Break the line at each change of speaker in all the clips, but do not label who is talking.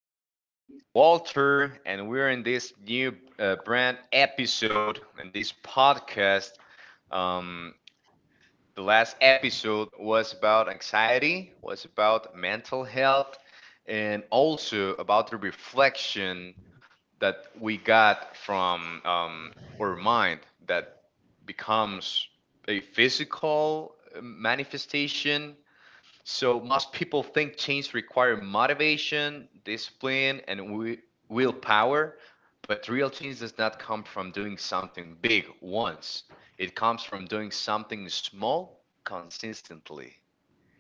This is Walter, and we're in this new brand episode in this podcast. Um, the last episode was about anxiety, was about mental health, and also about the reflection that we got from our mind that becomes a physical manifestation. So most people think change require motivation, discipline, and willpower, but real change does not come from doing something big once. It comes from doing something small consistently.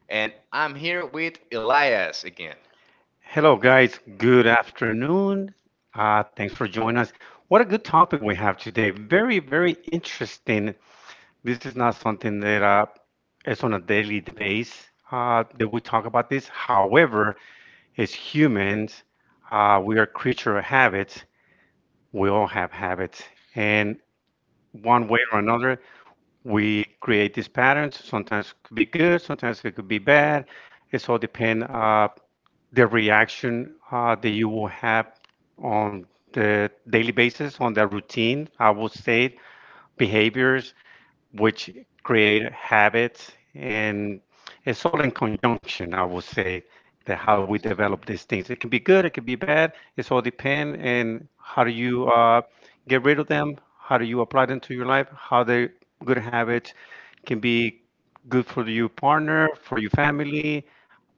And I'm here with Elias again.
Hello, guys. Good afternoon. Thanks for joining us. What a good topic we have today. Very, very interesting. This is not something that is on a daily basis that we talk about this. However, as humans, we are creature of habits. We all have habits, and one way or another, we create these patterns. Sometimes it could be good. Sometimes it could be bad. It's all depend. The reaction that you will have on the daily basis, on the routine, I would say behaviors which create habits. And it's all in conjunction, I would say, that how we
Nice.
develop these things. It can be good, it can be bad. It's all depend. And how do you get rid of them? How do you apply them to your life? How the good habits can be good for your partner, for your family,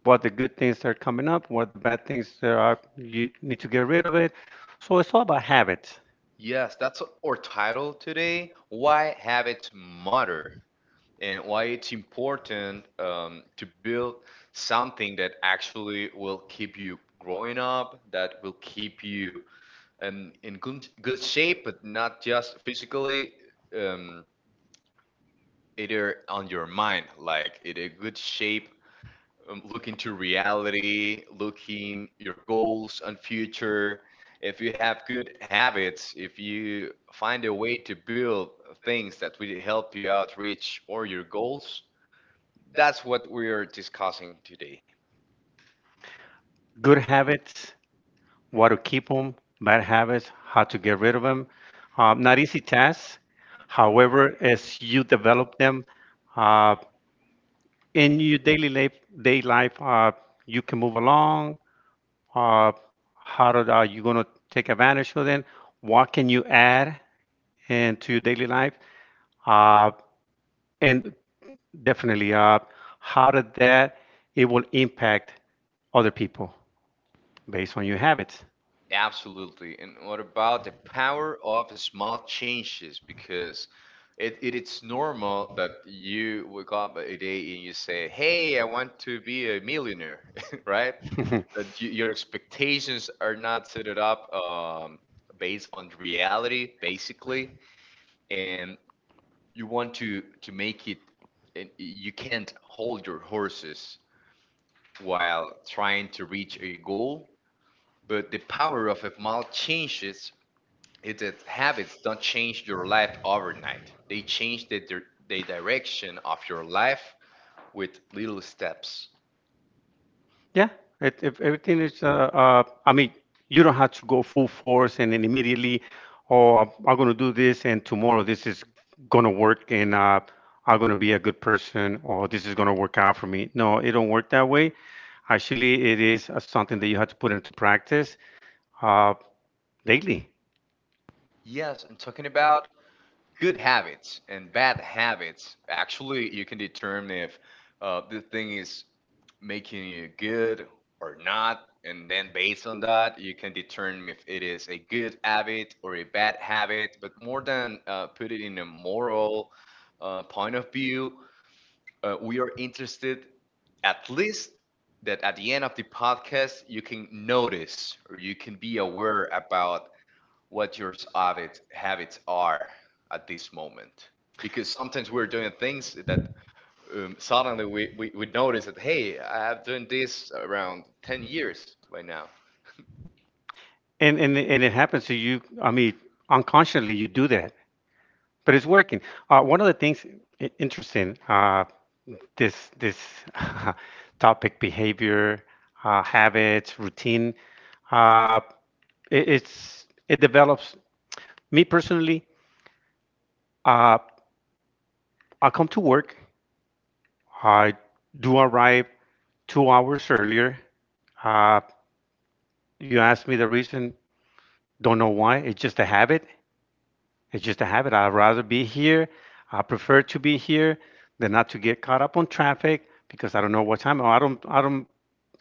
what the good things that are coming up, what the bad things there are, you need to get rid of it. So it's all about habits,
Yes, that's our title today. Why habits matter, and why it's important to build something that actually will keep you growing up, that will keep you in good shape, but not just physically, um, either on your mind, like in a good shape, looking to reality, looking your goals and future. If you have good habits, if you find a way to build things that will help you out reach or your goals, that's what we are discussing today.
good habits, what to keep them, bad habits, how to get rid of them. Not easy tasks. However, as you develop them uh, in your daily life, day life, you can move along. Uh, are you going to take advantage of them? What can you add into your daily life? Uh, and definitely. How did that it will impact other people based on your habits?
Absolutely. And what about the power of small changes? Because it's normal that you wake up a day and you say, hey, I want to be a millionaire, right? That you, your expectations are not set it up based on reality, basically. And you want to make it, and you can't hold your horses while trying to reach a goal. But the power of a small changes is that habits don't change your life overnight. They change the the direction of your life with little steps.
Yeah, if everything is. I mean, you don't have to go full force and then immediately, oh, I'm going to do this and tomorrow this is going to work and I'm going to be a good person or this is going to work out for me. No, it don't work that way. Actually, it is something that you have to put into practice uh, daily,
Yes, and talking about good habits and bad habits, actually you can determine if the thing is making you good or not, and then based on that you can determine if it is a good habit or a bad habit. But more than put it in a moral point of view, we are interested, at least, that at the end of the podcast you can notice or you can be aware about what your habits are at this moment, because sometimes we're doing things that suddenly we notice that, hey, I have doing this around 10 years right now.
and it happens to you. I mean, unconsciously you do that but it's working. One of the things interesting, this topic, behavior, habits, routine, uh, it develops. Me personally, uh, I come to work. I do arrive 2 hours earlier. Uh, you ask me the reason, don't know why. It's just a habit. It's just a habit. I'd rather be here. I prefer to be here than not to get caught up on traffic because I don't know what time. I don't. I don't.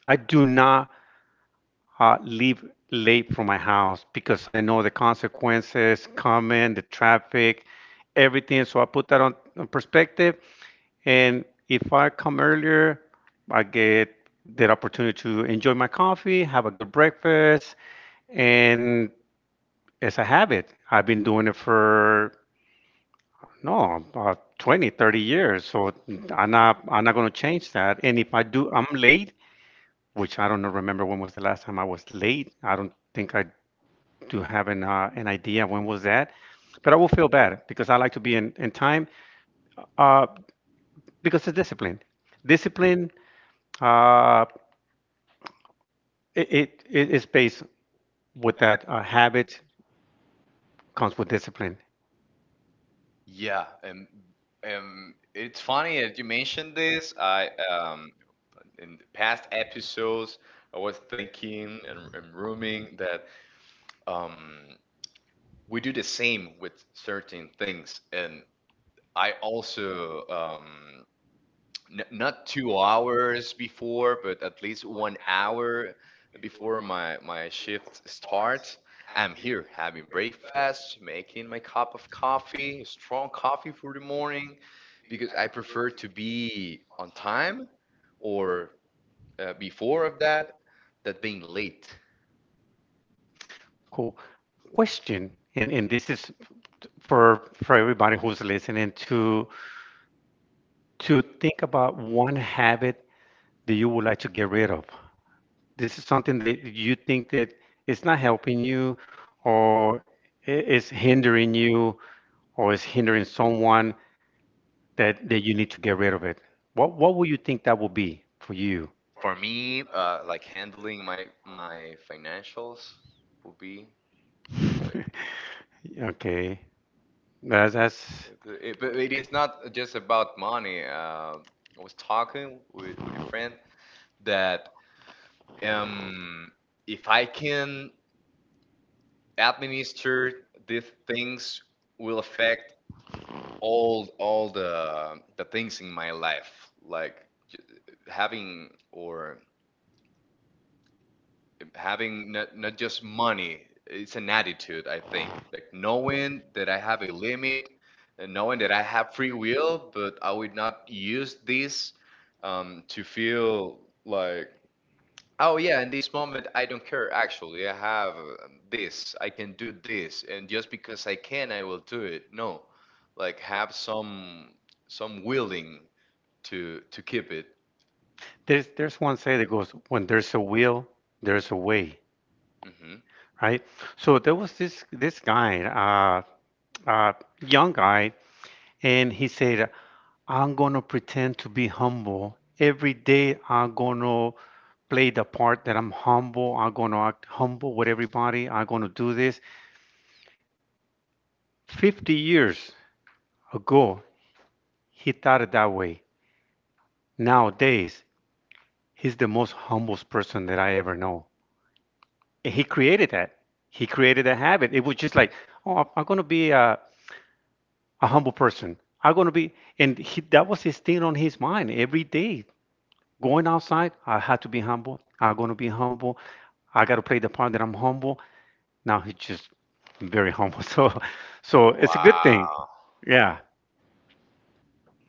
I do not leave late from my house because I know the consequences coming, the traffic, everything. So I put that on perspective. And if I come earlier, I get that opportunity to enjoy my coffee, have a good breakfast, and it's a habit. I've been doing it for no, 20, 30 years. So I'm not going to change that. And if I do, I'm late, which I don't remember when was the last time I was late. I don't think I do have an idea when was that. But I will feel bad because I like to be in time uh, because of discipline. Discipline, uh, it is based with that habit comes with discipline.
Yeah. And it's funny that you mentioned this. I in the past episodes I was thinking and rooming that um, we do the same with certain things. And I also, N not 2 hours before, but at least 1 hour before my shift starts. I'm here having breakfast, making my cup of coffee, strong coffee for the morning, because I prefer to be on time or before of that, that being late.
Cool. Question, and this is for everybody who's listening to think about one habit that you would like to get rid of. This is something that you think that it's not helping you or it's hindering you or it's hindering someone that you need to get rid of it. What would you think that would be for you?
For me, like handling my financials would be like.
Okay. That's
It, but it is not just about money. I was talking with a friend that, um, if I can administer these things, will affect all the things in my life, like ju- having or having not, not just money. It's an attitude, I think, like knowing that I have a limit and knowing that I have free will, but I would not use this to feel like, oh yeah, in this moment I don't care. Actually I have this, I can do this, and just because I can I will do it. No, like have some willing to keep it.
there's one say that goes when there's a will, there's a way,
Hmm.
right? So there was this guy, uh, young guy, and he said I'm going to pretend to be humble. Every day, I'm going to play the part that I'm humble. I'm going to act humble with everybody. I'm going to do this. 50 years ago, he thought it that way. Nowadays, he's the most humblest person that I ever know. And he created that. He created a habit. It was just like, oh, I'm going to be a humble person. I'm going to be, and he, that was his thing on his mind every day. Going outside, I had to be humble. I'm going to be humble. I got to play the part that I'm humble. Now he's just very humble. So it's a good thing.
Wow.
Yeah.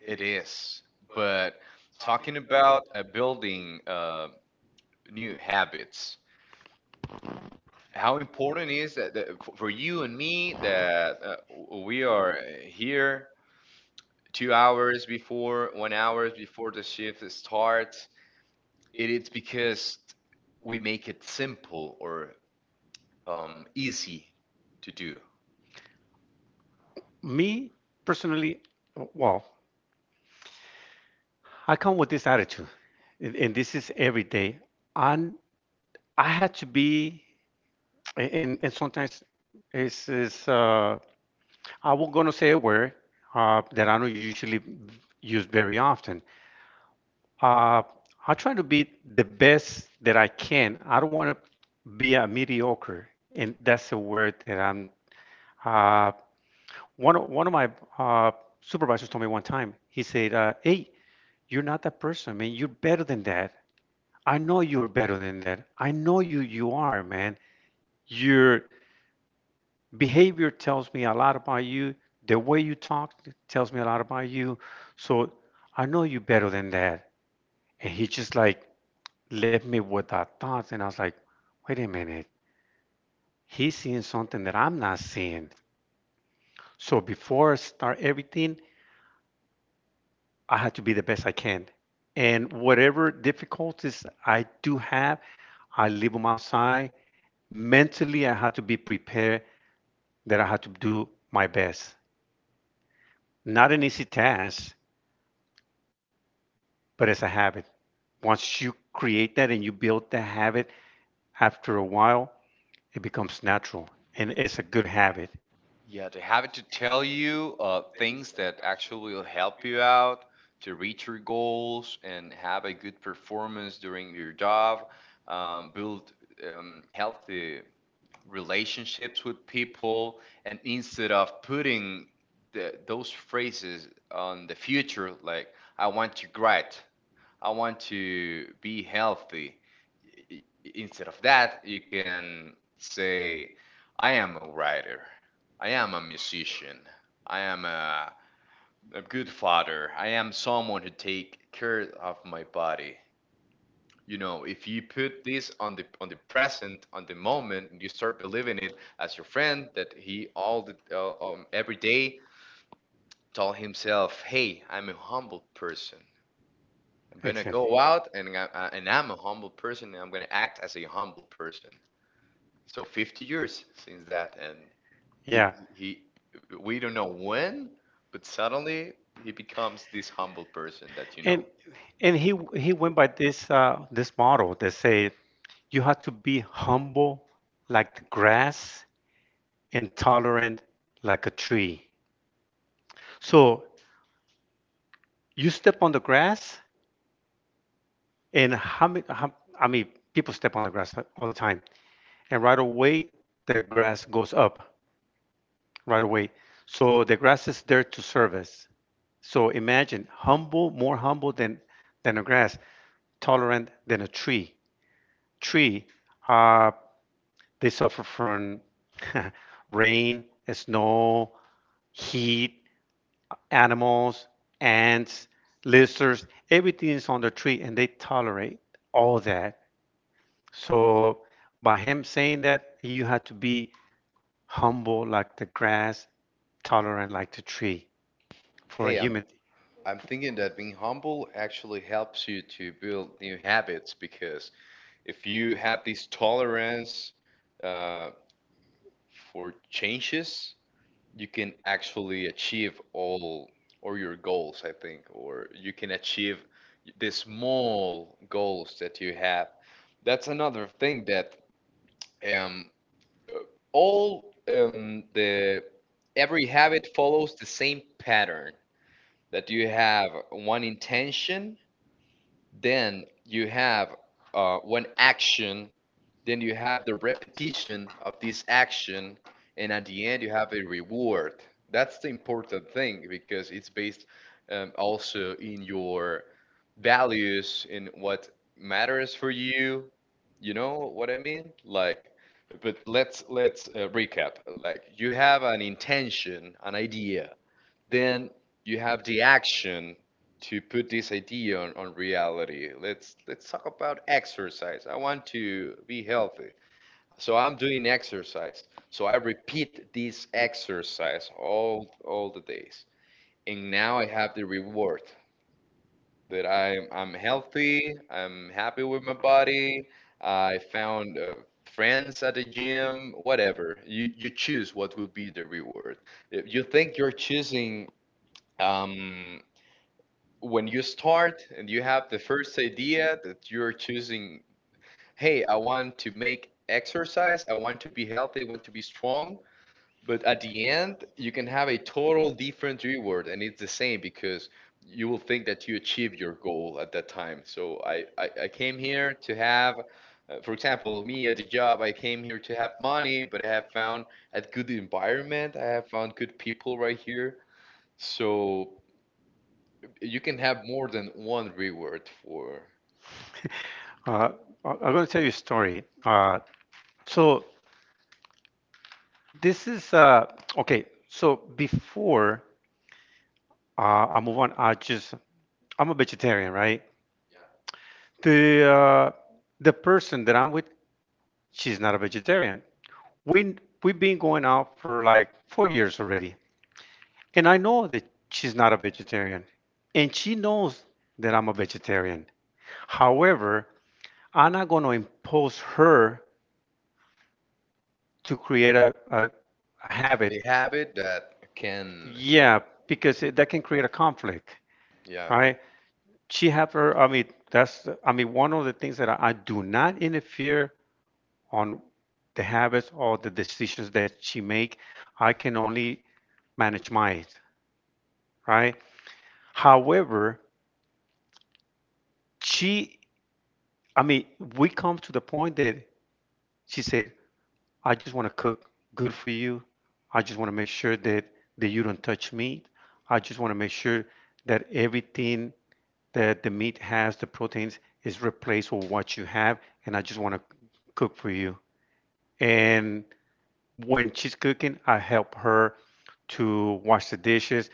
It is. But talking about building new habits, how important is that, that for you and me that we are here 2 hours before, 1 hour before the shift starts? It is because we make it simple or easy to do.
Me personally, well, I come with this attitude, and this is every day. And I had to be, and sometimes it's I was gonna say a word that I don't usually use very often. Uh, I try to be the best that I can. I don't want to be a mediocre, and that's a word that I'm. Uh, One of my uh, supervisors told me one time. He said, "Hey, you're not that person, man. You're better than that. I know you're better than that. I know you. You are, man. Your behavior tells me a lot about you. The way you talk tells me a lot about you. So I know you better than that." And he just like left me with that thought, and I was like, "Wait a minute. He's seeing something that I'm not seeing." So before I start everything, I have to be the best I can. And whatever difficulties I do have, I leave them outside. Mentally, I have to be prepared that I have to do my best. Not an easy task, but it's a habit. Once you create that and you build that habit, after a while, it becomes natural and it's a good habit.
Yeah, they have it to tell you things that actually will help you out to reach your goals and have a good performance during your job, build healthy relationships with people. And instead of putting those phrases on the future, like I want to grit, I want to be healthy, i- instead of that, you can say, I am a writer, I am a musician, I am a good father, I am someone who take care of my body. You know, if you put this on the present, on the moment, you start believing it. As your friend that he all the every day tell himself, "Hey, I'm a humble person. I'm gonna
Exactly.
go out and I, and I'm a humble person, and I'm gonna act as a humble person." So 50 years since that, and he
Yeah.
he we don't know when, but suddenly he becomes this humble person that you
And
know.
and he went by this model that say you have to be humble like the grass and tolerant like a tree. So you step on the grass, and how many? How, I mean, people step on the grass all the time, and right away the grass goes up right away. So the grass is there to service. So imagine humble, more humble than a grass, tolerant than a tree. Tree. uh, They suffer from rain, snow, heat, animals, ants, lizards, everything's on the tree and they tolerate all that. So by him saying that, you have to be humble like the grass, tolerant like the tree for a
Hey, I'm
human.
I'm thinking that being humble actually helps you to build new habits, because if you have this tolerance uh, for changes, you can actually achieve all or your goals, I think, or you can achieve the small goals that you have. That's another thing, that um, all the every habit follows the same pattern, that you have one intention, then you have one action, then you have the repetition of this action, and at the end you have a reward. That's the important thing, because it's based also in your values, in what matters for you. You know what I mean? Like, but let's recap. Like, you have an intention, an idea, then you have the action to put this idea on reality. Let's talk about exercise. I want to be healthy, so I'm doing exercise, so I repeat this exercise all the days. And now I have the reward that I'm healthy, I'm happy with my body. I found friends at the gym, whatever. You choose what will be the reward. If you think you're choosing um, when you start and you have the first idea, that you're choosing, hey, I want to make exercise, I want to be healthy, I want to be strong, but at the end, you can have a total different reward, and it's the same because you will think that you achieved your goal at that time. So I came here to have, for example, me at the job, I came here to have money, but I have found a good environment, I have found good people right here. So you can have more than one reward for
Uh, I am going to tell you a story. So this is okay. So before I move on, I'm a vegetarian, right? the uh, the person that I'm with, she's not a vegetarian. We we've been going out for like 4 years already, and I know that she's not a vegetarian, and she knows that I'm a vegetarian. However, I'm not going to impose her to create a habit.
a habit that can, yeah.
Yeah, because that can create a conflict, right? She have her. I mean, that's. I mean, one of the things that I do not interfere on the habits or the decisions that she make. I can only manage mine, right? However, she, I mean, we come to the point that she said, I just want to cook good for you. I just want to make sure that you don't touch meat. I just want to make sure that everything that the meat has, the proteins, is replaced with what you have. And I just want to cook for you. And when she's cooking, I help her to wash the dishes.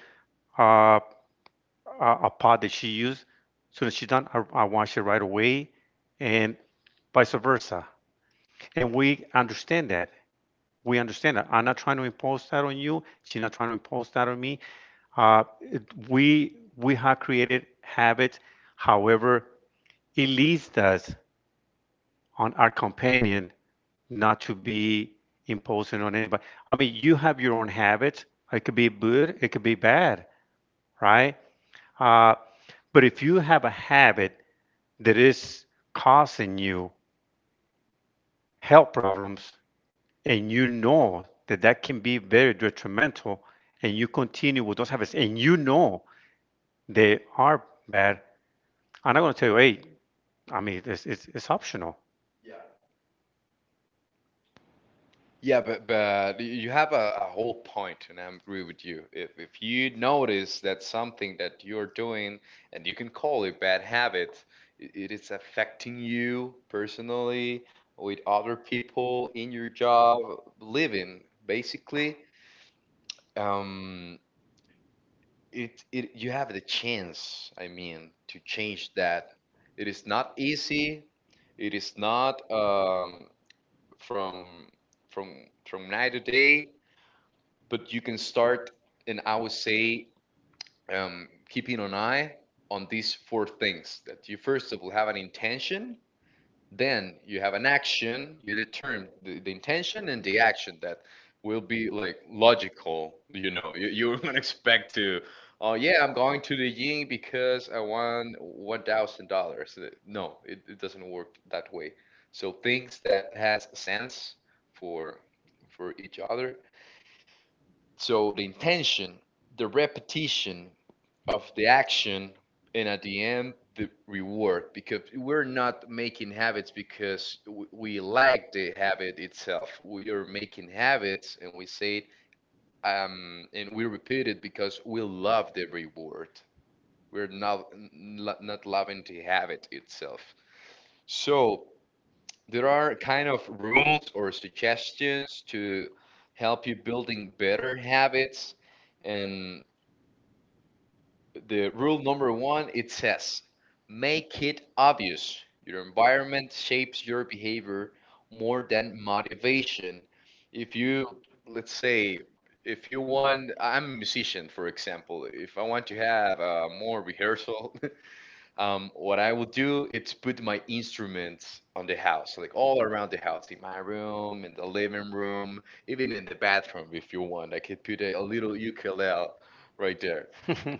Uh, a pot that she used, as soon as she's done, I wash it right away, and vice versa. And we understand that. We understand that. I'm not trying to impose that on you. She's not trying to impose that on me. We have created habits; however, it leads us on our companion not to be imposing on anybody. I mean, you have your own habits. It could be good, it could be bad, right? Uh, but if you have a habit that is causing you health problems and you know that that can be very detrimental and you continue with those habits and you know they are bad, I'm not going to tell you, hey, I mean, it's optional.
Yeah, but you have a whole point and I agree with you. If you notice that something that you're doing, and you can call it bad habit, it is affecting you personally with other people in your job living, basically, um it, you have the chance, I mean, to change that. It is not easy, it is not from from night to day, but you can start. And I would say keeping an eye on these four things, that you, first of all, have an intention, then you have an action, you determine the intention and the action that will be like logical. You know, you wouldn't expect to, oh yeah, I'm going to the gym because I won $1,000. No, it doesn't work that way. So things that has sense for each other. So the intention, the repetition of the action, and at the end the reward, because we're not making habits because we like the habit itself. We are making habits, and we say it and we repeat it because we love the reward. We're not not loving the habit itself. So there are kind of rules or suggestions to help you building better habits. And the rule number one, it says, make it obvious. Your environment shapes your behavior more than motivation. If you, let's say, if you want, I'm a musician, for example. If I want to have more rehearsal, what I will do is put my instruments on the house, like all around the house, in my room, in the living room, even in the bathroom. If you want, I could put a little ukulele right there,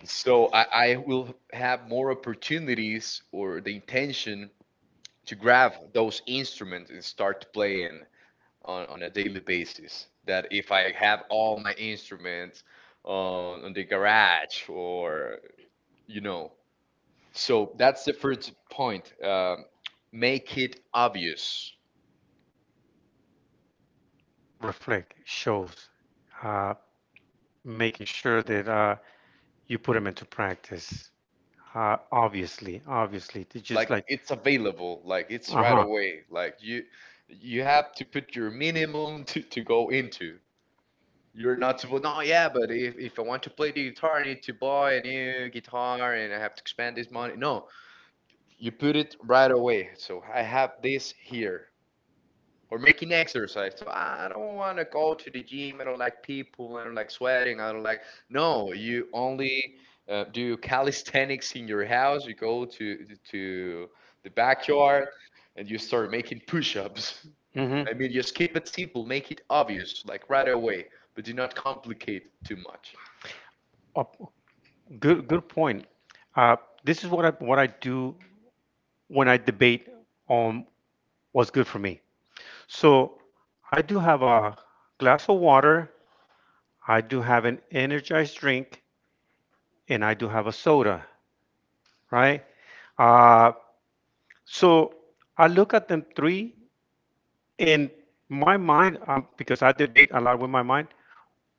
so I will have more opportunities or the intention to grab those instruments and start playing on a daily basis. That if I have all my instruments on, the garage or, you know. So that's the first point. Make it obvious.
Reflect shows uh, making sure that you put them into practice. Obviously, obviously, it's
Like
just like,
it's available, like it's
uh
right
huh,
away. Like you have to put your minimum to go into. You're not supposed. No, yeah, but if I want to play the guitar, I need to buy a new guitar and I have to spend this money. No, you put it right away. So I have this here. Or making exercise. So I don't want to go to the gym. I don't like people. I don't like sweating. I don't like. No, you only do calisthenics in your house. You go to the backyard and you start making push-ups.
hmm
I mean, just keep it simple, make it obvious, like right away, but do not complicate too much.
Op- good, good point. Uh, this is what I do when I debate on what's good for me. So I do have a glass of water, I do have an energized drink, and I do have a soda, right? Uh, so I look at them three, and my mind, because I debate a lot with my mind,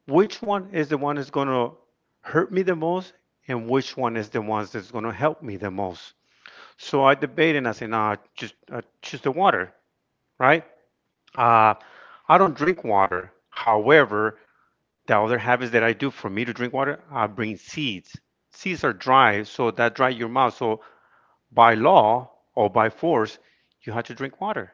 which one is the one that's going to hurt me the most and which one is the ones that's going to help me the most. So I debated and I said, nah, just choose the water, right? Uh, I don't drink water. However, the other habits that I do for me to drink water, I bring seeds. Seeds are dry, so that dry your mouth. So by law or by force, you have to drink water.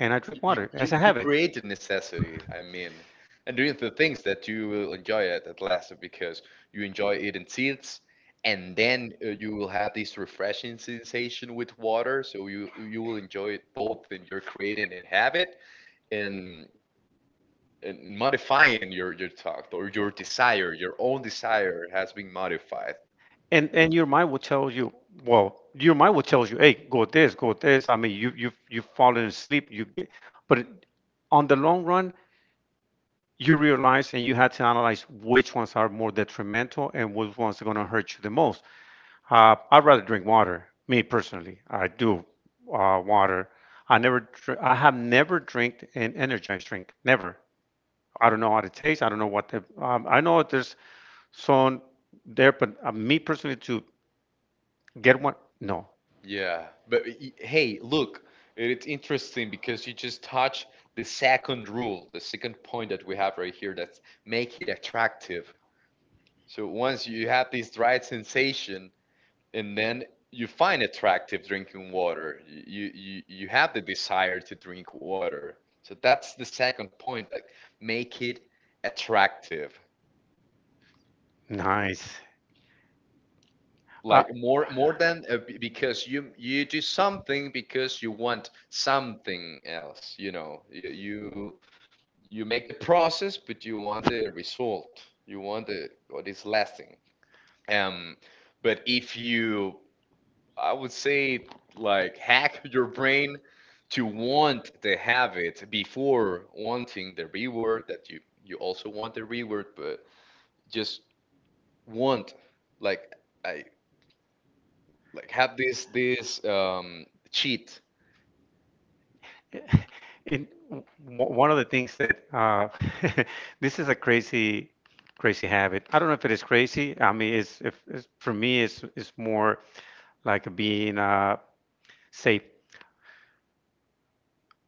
And I drink
You,
water
you,
as a
you
habit.
create a necessity, I mean, and doing the things that you will enjoy at last because you enjoy eating seeds, and then you will have this refreshing sensation with water, so you will enjoy it both in your creating and habit, in, in modifying your thought or your desire, your own desire has been modified.
And your mind will tell you, hey, go with this, go with this. I mean, you've fallen asleep. You get, but on the long run, you realize and you had to analyze which ones are more detrimental and which ones are going to hurt you the most. I'd rather drink water, me personally. I do water. I have never drank an energized drink. Never. I don't know how it tastes. I don't know what the. I know there's some there, but me personally to get one, no.
Yeah, but hey, look, it's interesting because you just touch the second rule, the second point that we have right here, that's make it attractive. So once you have this dry sensation and then you find attractive drinking water, you have the desire to drink water. So that's the second point, that make it attractive.
Nice. Uh,
Like more than because you do something because you want something else, you make the process, but you want the result. You want the, what is lasting. um but if you, I would say, like, hack your brain to want the habit before wanting the reward. That you also want the reward, but just want, like, I like have this cheat.
and w- one of the things that this is a crazy, crazy habit. I don't know if it is crazy. I mean, it's, if, it's for me, it's more like being safe.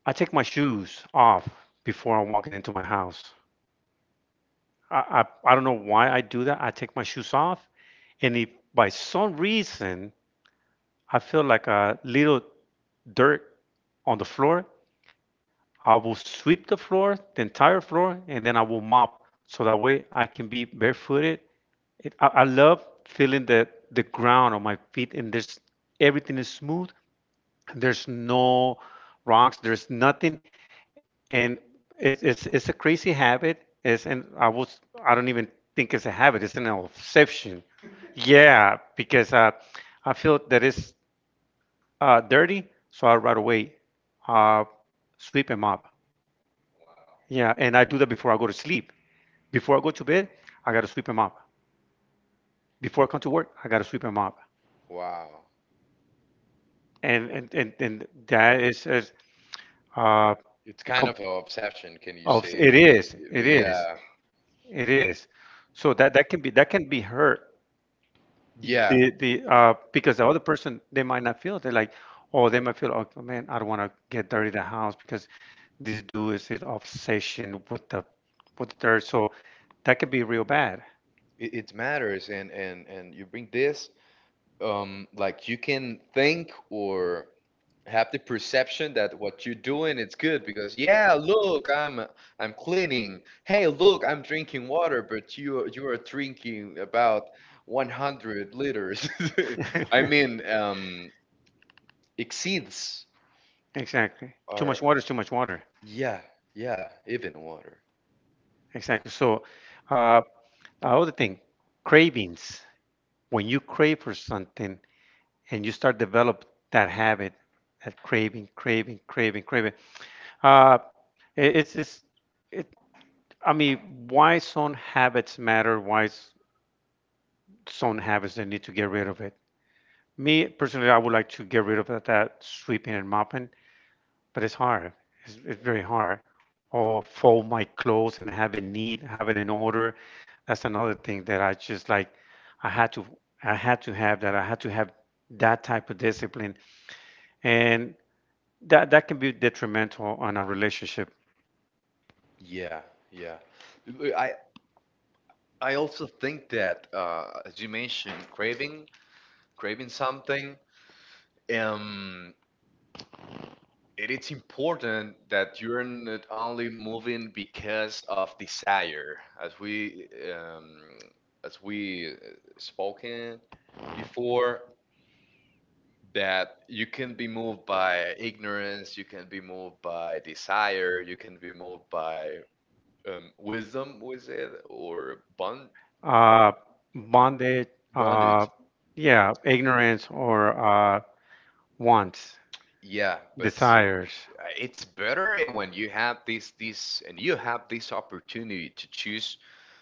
I take my shoes off before I'm walking into my house. I, I I don't know why I do that. I take my shoes off, and if by some reason I feel like a little dirt on the floor, I will sweep the floor, the entire floor, and then I will mop. So that way I can be barefooted. I love feeling the ground on my feet and there's everything is smooth. There's no rocks. There's nothing. And it's a crazy habit. It's, and I was, I don't even think it's a habit. It's an obsession. Yeah, because I feel that it's dirty. So I right away uh, sweep and mop. Yeah, and I do that before I go to sleep. Before I go to bed, I gotta sweep them up. Before I come to work, I gotta sweep them up.
Wow,
And that is uh,
it's kind
com-
of an obsession, can you say?
of it is, it is,
Yeah,
it is. So that can be hurt.
yeah,
The because the other person they might not feel it. They're like, oh, they might feel, oh man, I don't want to get dirty the house because this dude is his obsession with the dirt. So that could be real bad.
it matters. And you bring this like, you can think or have the perception that what you're doing it's good because, yeah, look, I'm cleaning, hey, look, I'm drinking water, but you are drinking about 100 liters I mean, exceeds.
Exactly. Too
Or
much water is too much water.
yeah, yeah, even water.
Exactly. So, uh, other thing, cravings. When you crave for something and you start develop that habit, that craving, craving, craving, craving. Uh, it, it's it. I mean, why some habits matter? Why some habits they need to get rid of it? Me personally, I would like to get rid of that sweeping and mopping. But it's hard. It's very hard. Or fold my clothes and have it neat, have it in order. That's another thing that I just like. I had to, I had to have that. I had to have that type of discipline, and that can be detrimental on a relationship.
Yeah, yeah. I also think that as you mentioned, craving something, um, it is important that you're not only moving because of desire, as we spoken before. That you can be moved by ignorance, you can be moved by desire, you can be moved by, wisdom, was it? Or bond
Uh, bondage, uh,
bondage?
yeah, ignorance or wants,
Yeah, but
desires.
it's better. And when you have this and you have this opportunity to choose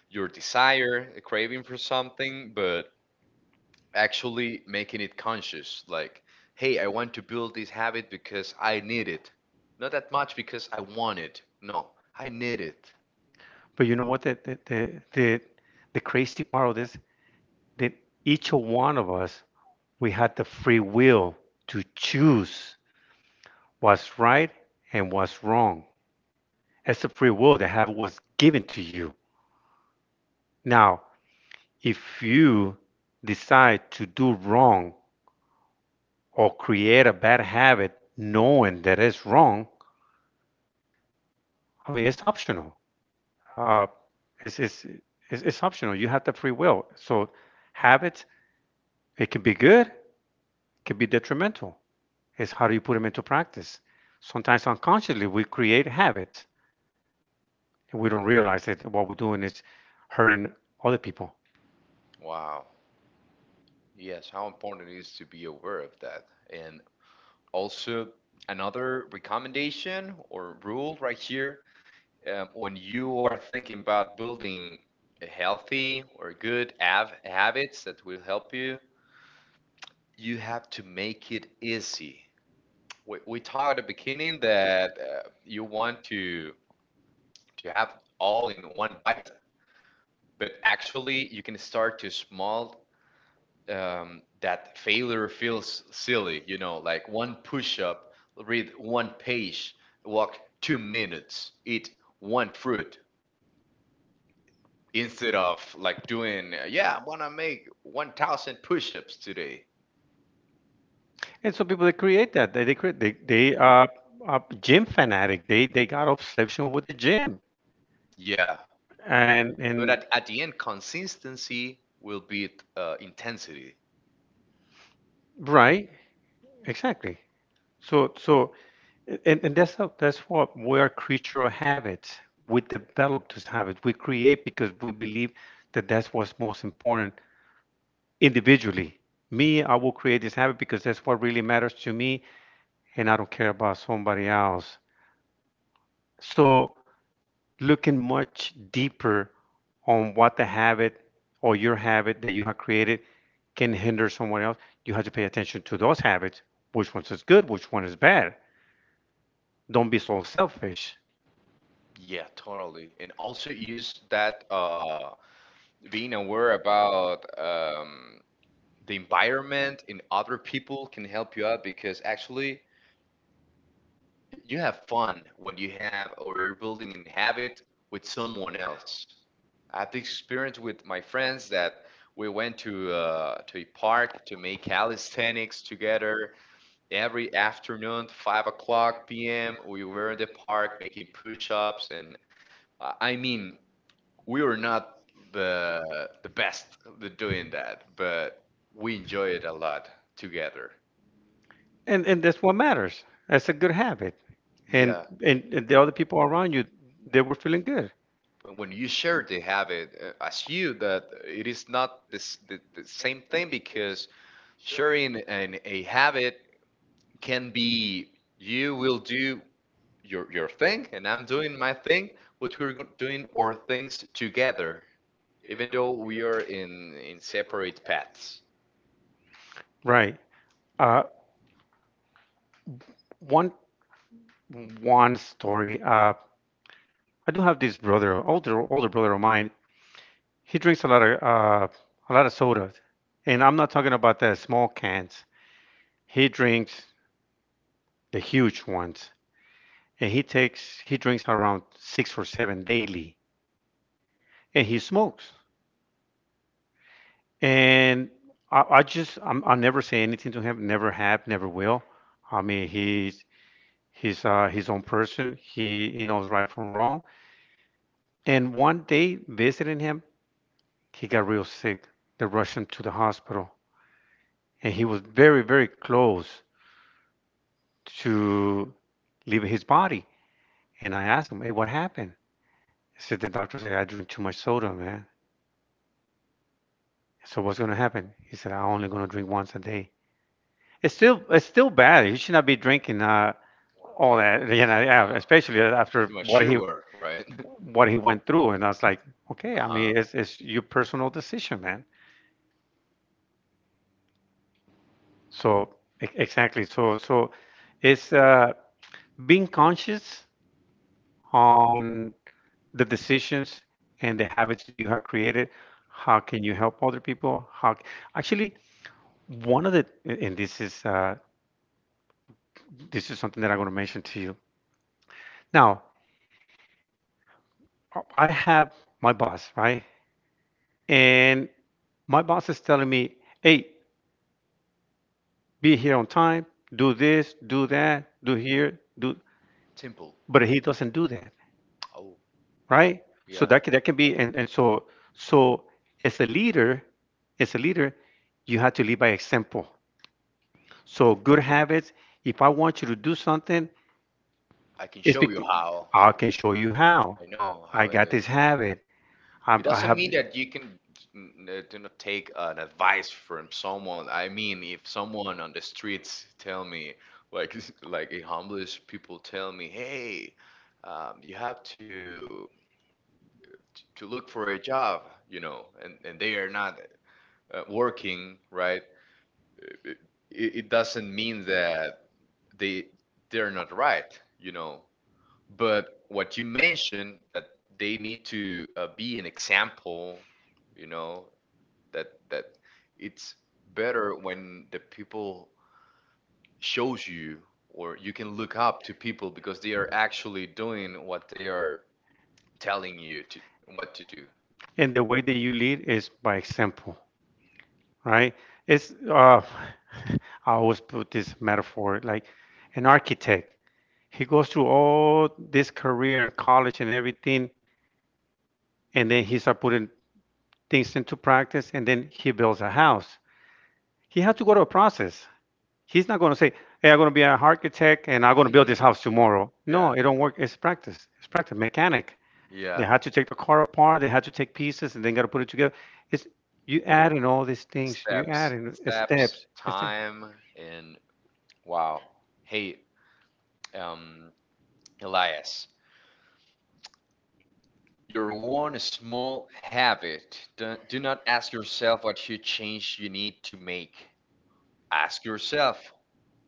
your desire, a craving for something, but actually making it conscious. Like, hey, I want to build this habit because I need it. Not that much because I want it. No, I need it.
But you know what? The crazy part of this that each one of us we had the free will to choose what's right and what's wrong. It's a free will that have was given to you. Now, if you decide to do wrong or create a bad habit knowing that it's wrong, I mean it's optional. Uh, it's, it's it's optional. You have the free will. So habits it can be good, it can be detrimental. It's how do you put them into practice? Sometimes unconsciously we create habits and we don't realize that what we're doing is hurting other people.
Wow. Yes, how important it is to be aware of that. And also, another recommendation or rule right here, when you are thinking about building a healthy or good habits that will help you, you have to make it easy. We talked at the beginning that you want to have all in one bite, but actually you can start to small, that failure feels silly, you know, like one push up, read one page, walk 2 minutes, eat one fruit, instead of like doing, yeah, I want to make 1,000 push ups today.
And so people that create that, they are a gym fanatic. They got obsession with the gym.
Yeah. But
And
at the end, consistency will beat intensity.
Right, exactly. So, so, that's what we are creature of habits. We develop those habits. We create because we believe that that's what's most important individually. Me, I will create this habit because that's what really matters to me, and I don't care about somebody else. So looking much deeper on what the habit or your habit that you have created can hinder someone else, you have to pay attention to those habits, which ones is good, which one is bad. Don't be so selfish.
Yeah, totally. And also use that. Being aware about the environment and other people can help you out, because actually you have fun when you have or you're building an habit with someone else. I had the experience with my friends that we went to a park to make calisthenics together every afternoon, 5 o'clock p.m. We were in the park making push-ups, and I mean, we were not the best at doing that, but we enjoy it a lot together.
And that's what matters. That's a good habit. And
Yeah.
and the other people around you, they were feeling good.
But when you share they have it, assume that it is not this, the same thing, because sharing a habit can be you will do your thing and I'm doing my thing, but we're doing our things together, even though we are in separate paths.
Right. Uh one one story. I do have this brother, older brother of mine. He drinks a lot of soda, and I'm not talking about the small cans. He drinks the huge ones, and he drinks around six or seven daily, and he smokes. And I'll never say anything to him. Never have, never will. I mean, he's his own person. He knows right from wrong. And one day visiting him, he got real sick. They rushed him to the hospital, and he was very very close to leave his body. And I asked him, hey, what happened? He said, the doctor said, I drink too much soda, man. So what's going to happen? He said, I'm only going to drink once a day. It's still bad. You should not be drinking all that, yeah, especially after
Too much
what he
sugar, right?
what he went through. And I was like, okay, I
Uh-huh.
mean, it's your personal decision, man. So exactly. So it's being conscious on the decisions and the habits that you have created. How can you help other people? How actually one of the and This is something that I'm going to mention to you now. I have my boss, right? And my boss is telling me, hey, be here on time, do this, do that, do here, do.
Simple.
But he doesn't do that,
Oh,
right? So
yeah.
that can be, and so as a leader, as a leader you have to lead by example. So good habits, if I want you to do something,
I can
it's
show you
because
how.
I can show you how.
I know
I
how it
got
is.
this habit. I,
It
I
doesn't
have,
mean that you can do not take an advice from someone. I mean, if someone on the streets tell me, like like a homeless people tell me, hey, you have to look for a job, you know, and they are not working, right? It, it doesn't mean that they they're not right, you know. But what you mentioned, that they need to be an example, you know, that that it's better when the people shows you, or you can look up to people because they are actually doing what they are telling you to what to do.
and the way that you lead is by example, right? It's I always put this metaphor like an architect. He goes through all this career and college and everything, and then he start putting things into practice, and then he builds a house. He had to go to a process. He's not going to say, "Hey, I'm going to be an architect and I'm going to build this house tomorrow."
Yeah.
No, it don't work. It's practice. It's practice. Mechanic. They
Yeah.
had to take the car apart. They had to take pieces and then got to put it together. It's you adding all these things. You
Steps,
adding in
steps,
steps. Steps.
time, and wow. Hey, um, Elias, are one small habit. Do not ask yourself what huge change you need to make. Ask yourself,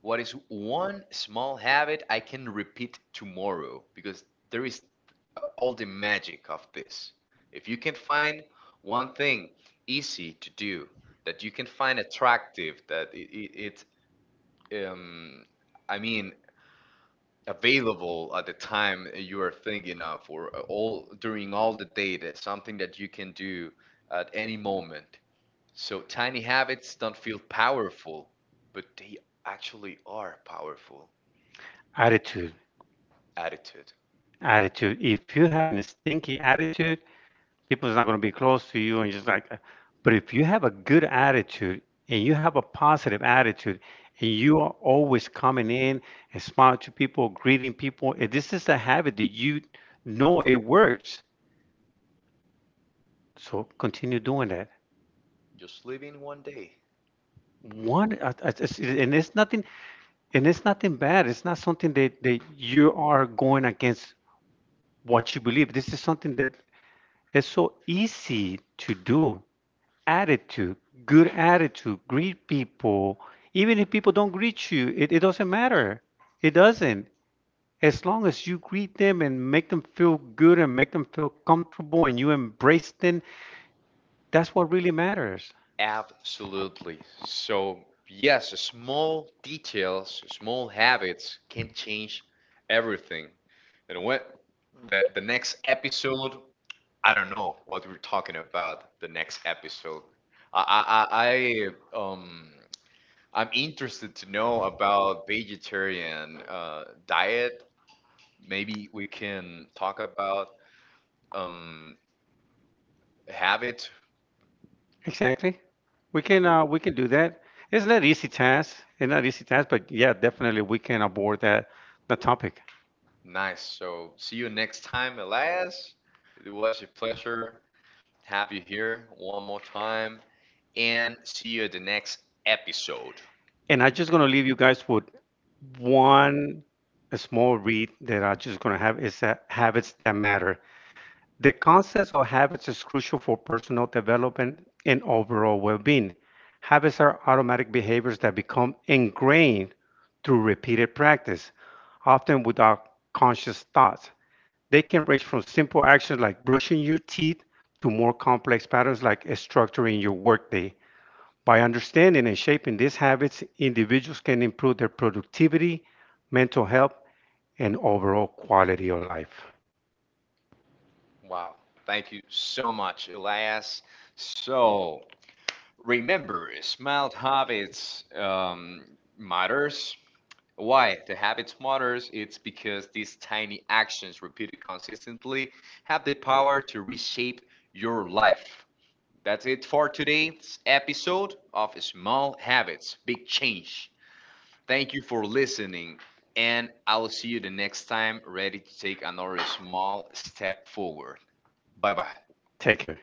what is one small habit I can repeat tomorrow? Because there is all the magic of this. If you can find one thing easy to do that you can find attractive, that it, it's I mean, available at the time you are thinking of, or all during all the day, that's something that you can do at any moment. So tiny habits don't feel powerful, but they actually are powerful.
Attitude.
Attitude.
Attitude. If you have a stinky attitude, people's not going to be close to you and just like but if you have a good attitude and you have a positive attitude and you are always coming in and smiling to people greeting people and this is a habit that you know it works so continue doing that
Just living one day.
one. And it's nothing bad. It's not something that you are going against what you believe. This is something that is so easy to do. Attitude, good attitude, greet people. Even if people don't greet you, it doesn't matter. It doesn't. As long as you greet them and make them feel good and make them feel comfortable and you embrace them, that's what really matters.
Absolutely. So, yes, small details, small habits can change everything. And what the next episode, I don't know what we're talking about the next episode. I I, I I, um I'm interested to know about vegetarian diet. Maybe we can talk about um habits.
Exactly. We can do that. It's not easy task. It's not easy task, but yeah, definitely we can abort that the topic.
Nice. So, see you next time, Elias. It was a pleasure to have you here one more time. And see you at the next episode.
And I'm just gonna leave you guys with one small read that I'm just gonna have is that habits that matter. The concept of habits is crucial for personal development and overall well being. Habits are automatic behaviors that become ingrained through repeated practice, often without conscious thought. They can range from simple actions like brushing your teeth to more complex patterns like structuring your workday. By understanding and shaping these habits, individuals can improve their productivity, mental health, and overall quality of life.
Wow. Thank you so much, Elias. So, remember, small habits matters. Why? The habits matters. It's because these tiny actions repeated consistently have the power to reshape your life. That's it for today's episode of Small Habits, Big Change. Thank you for listening, and I'll see you the next time, ready to take another small step forward. Bye bye.
Take care.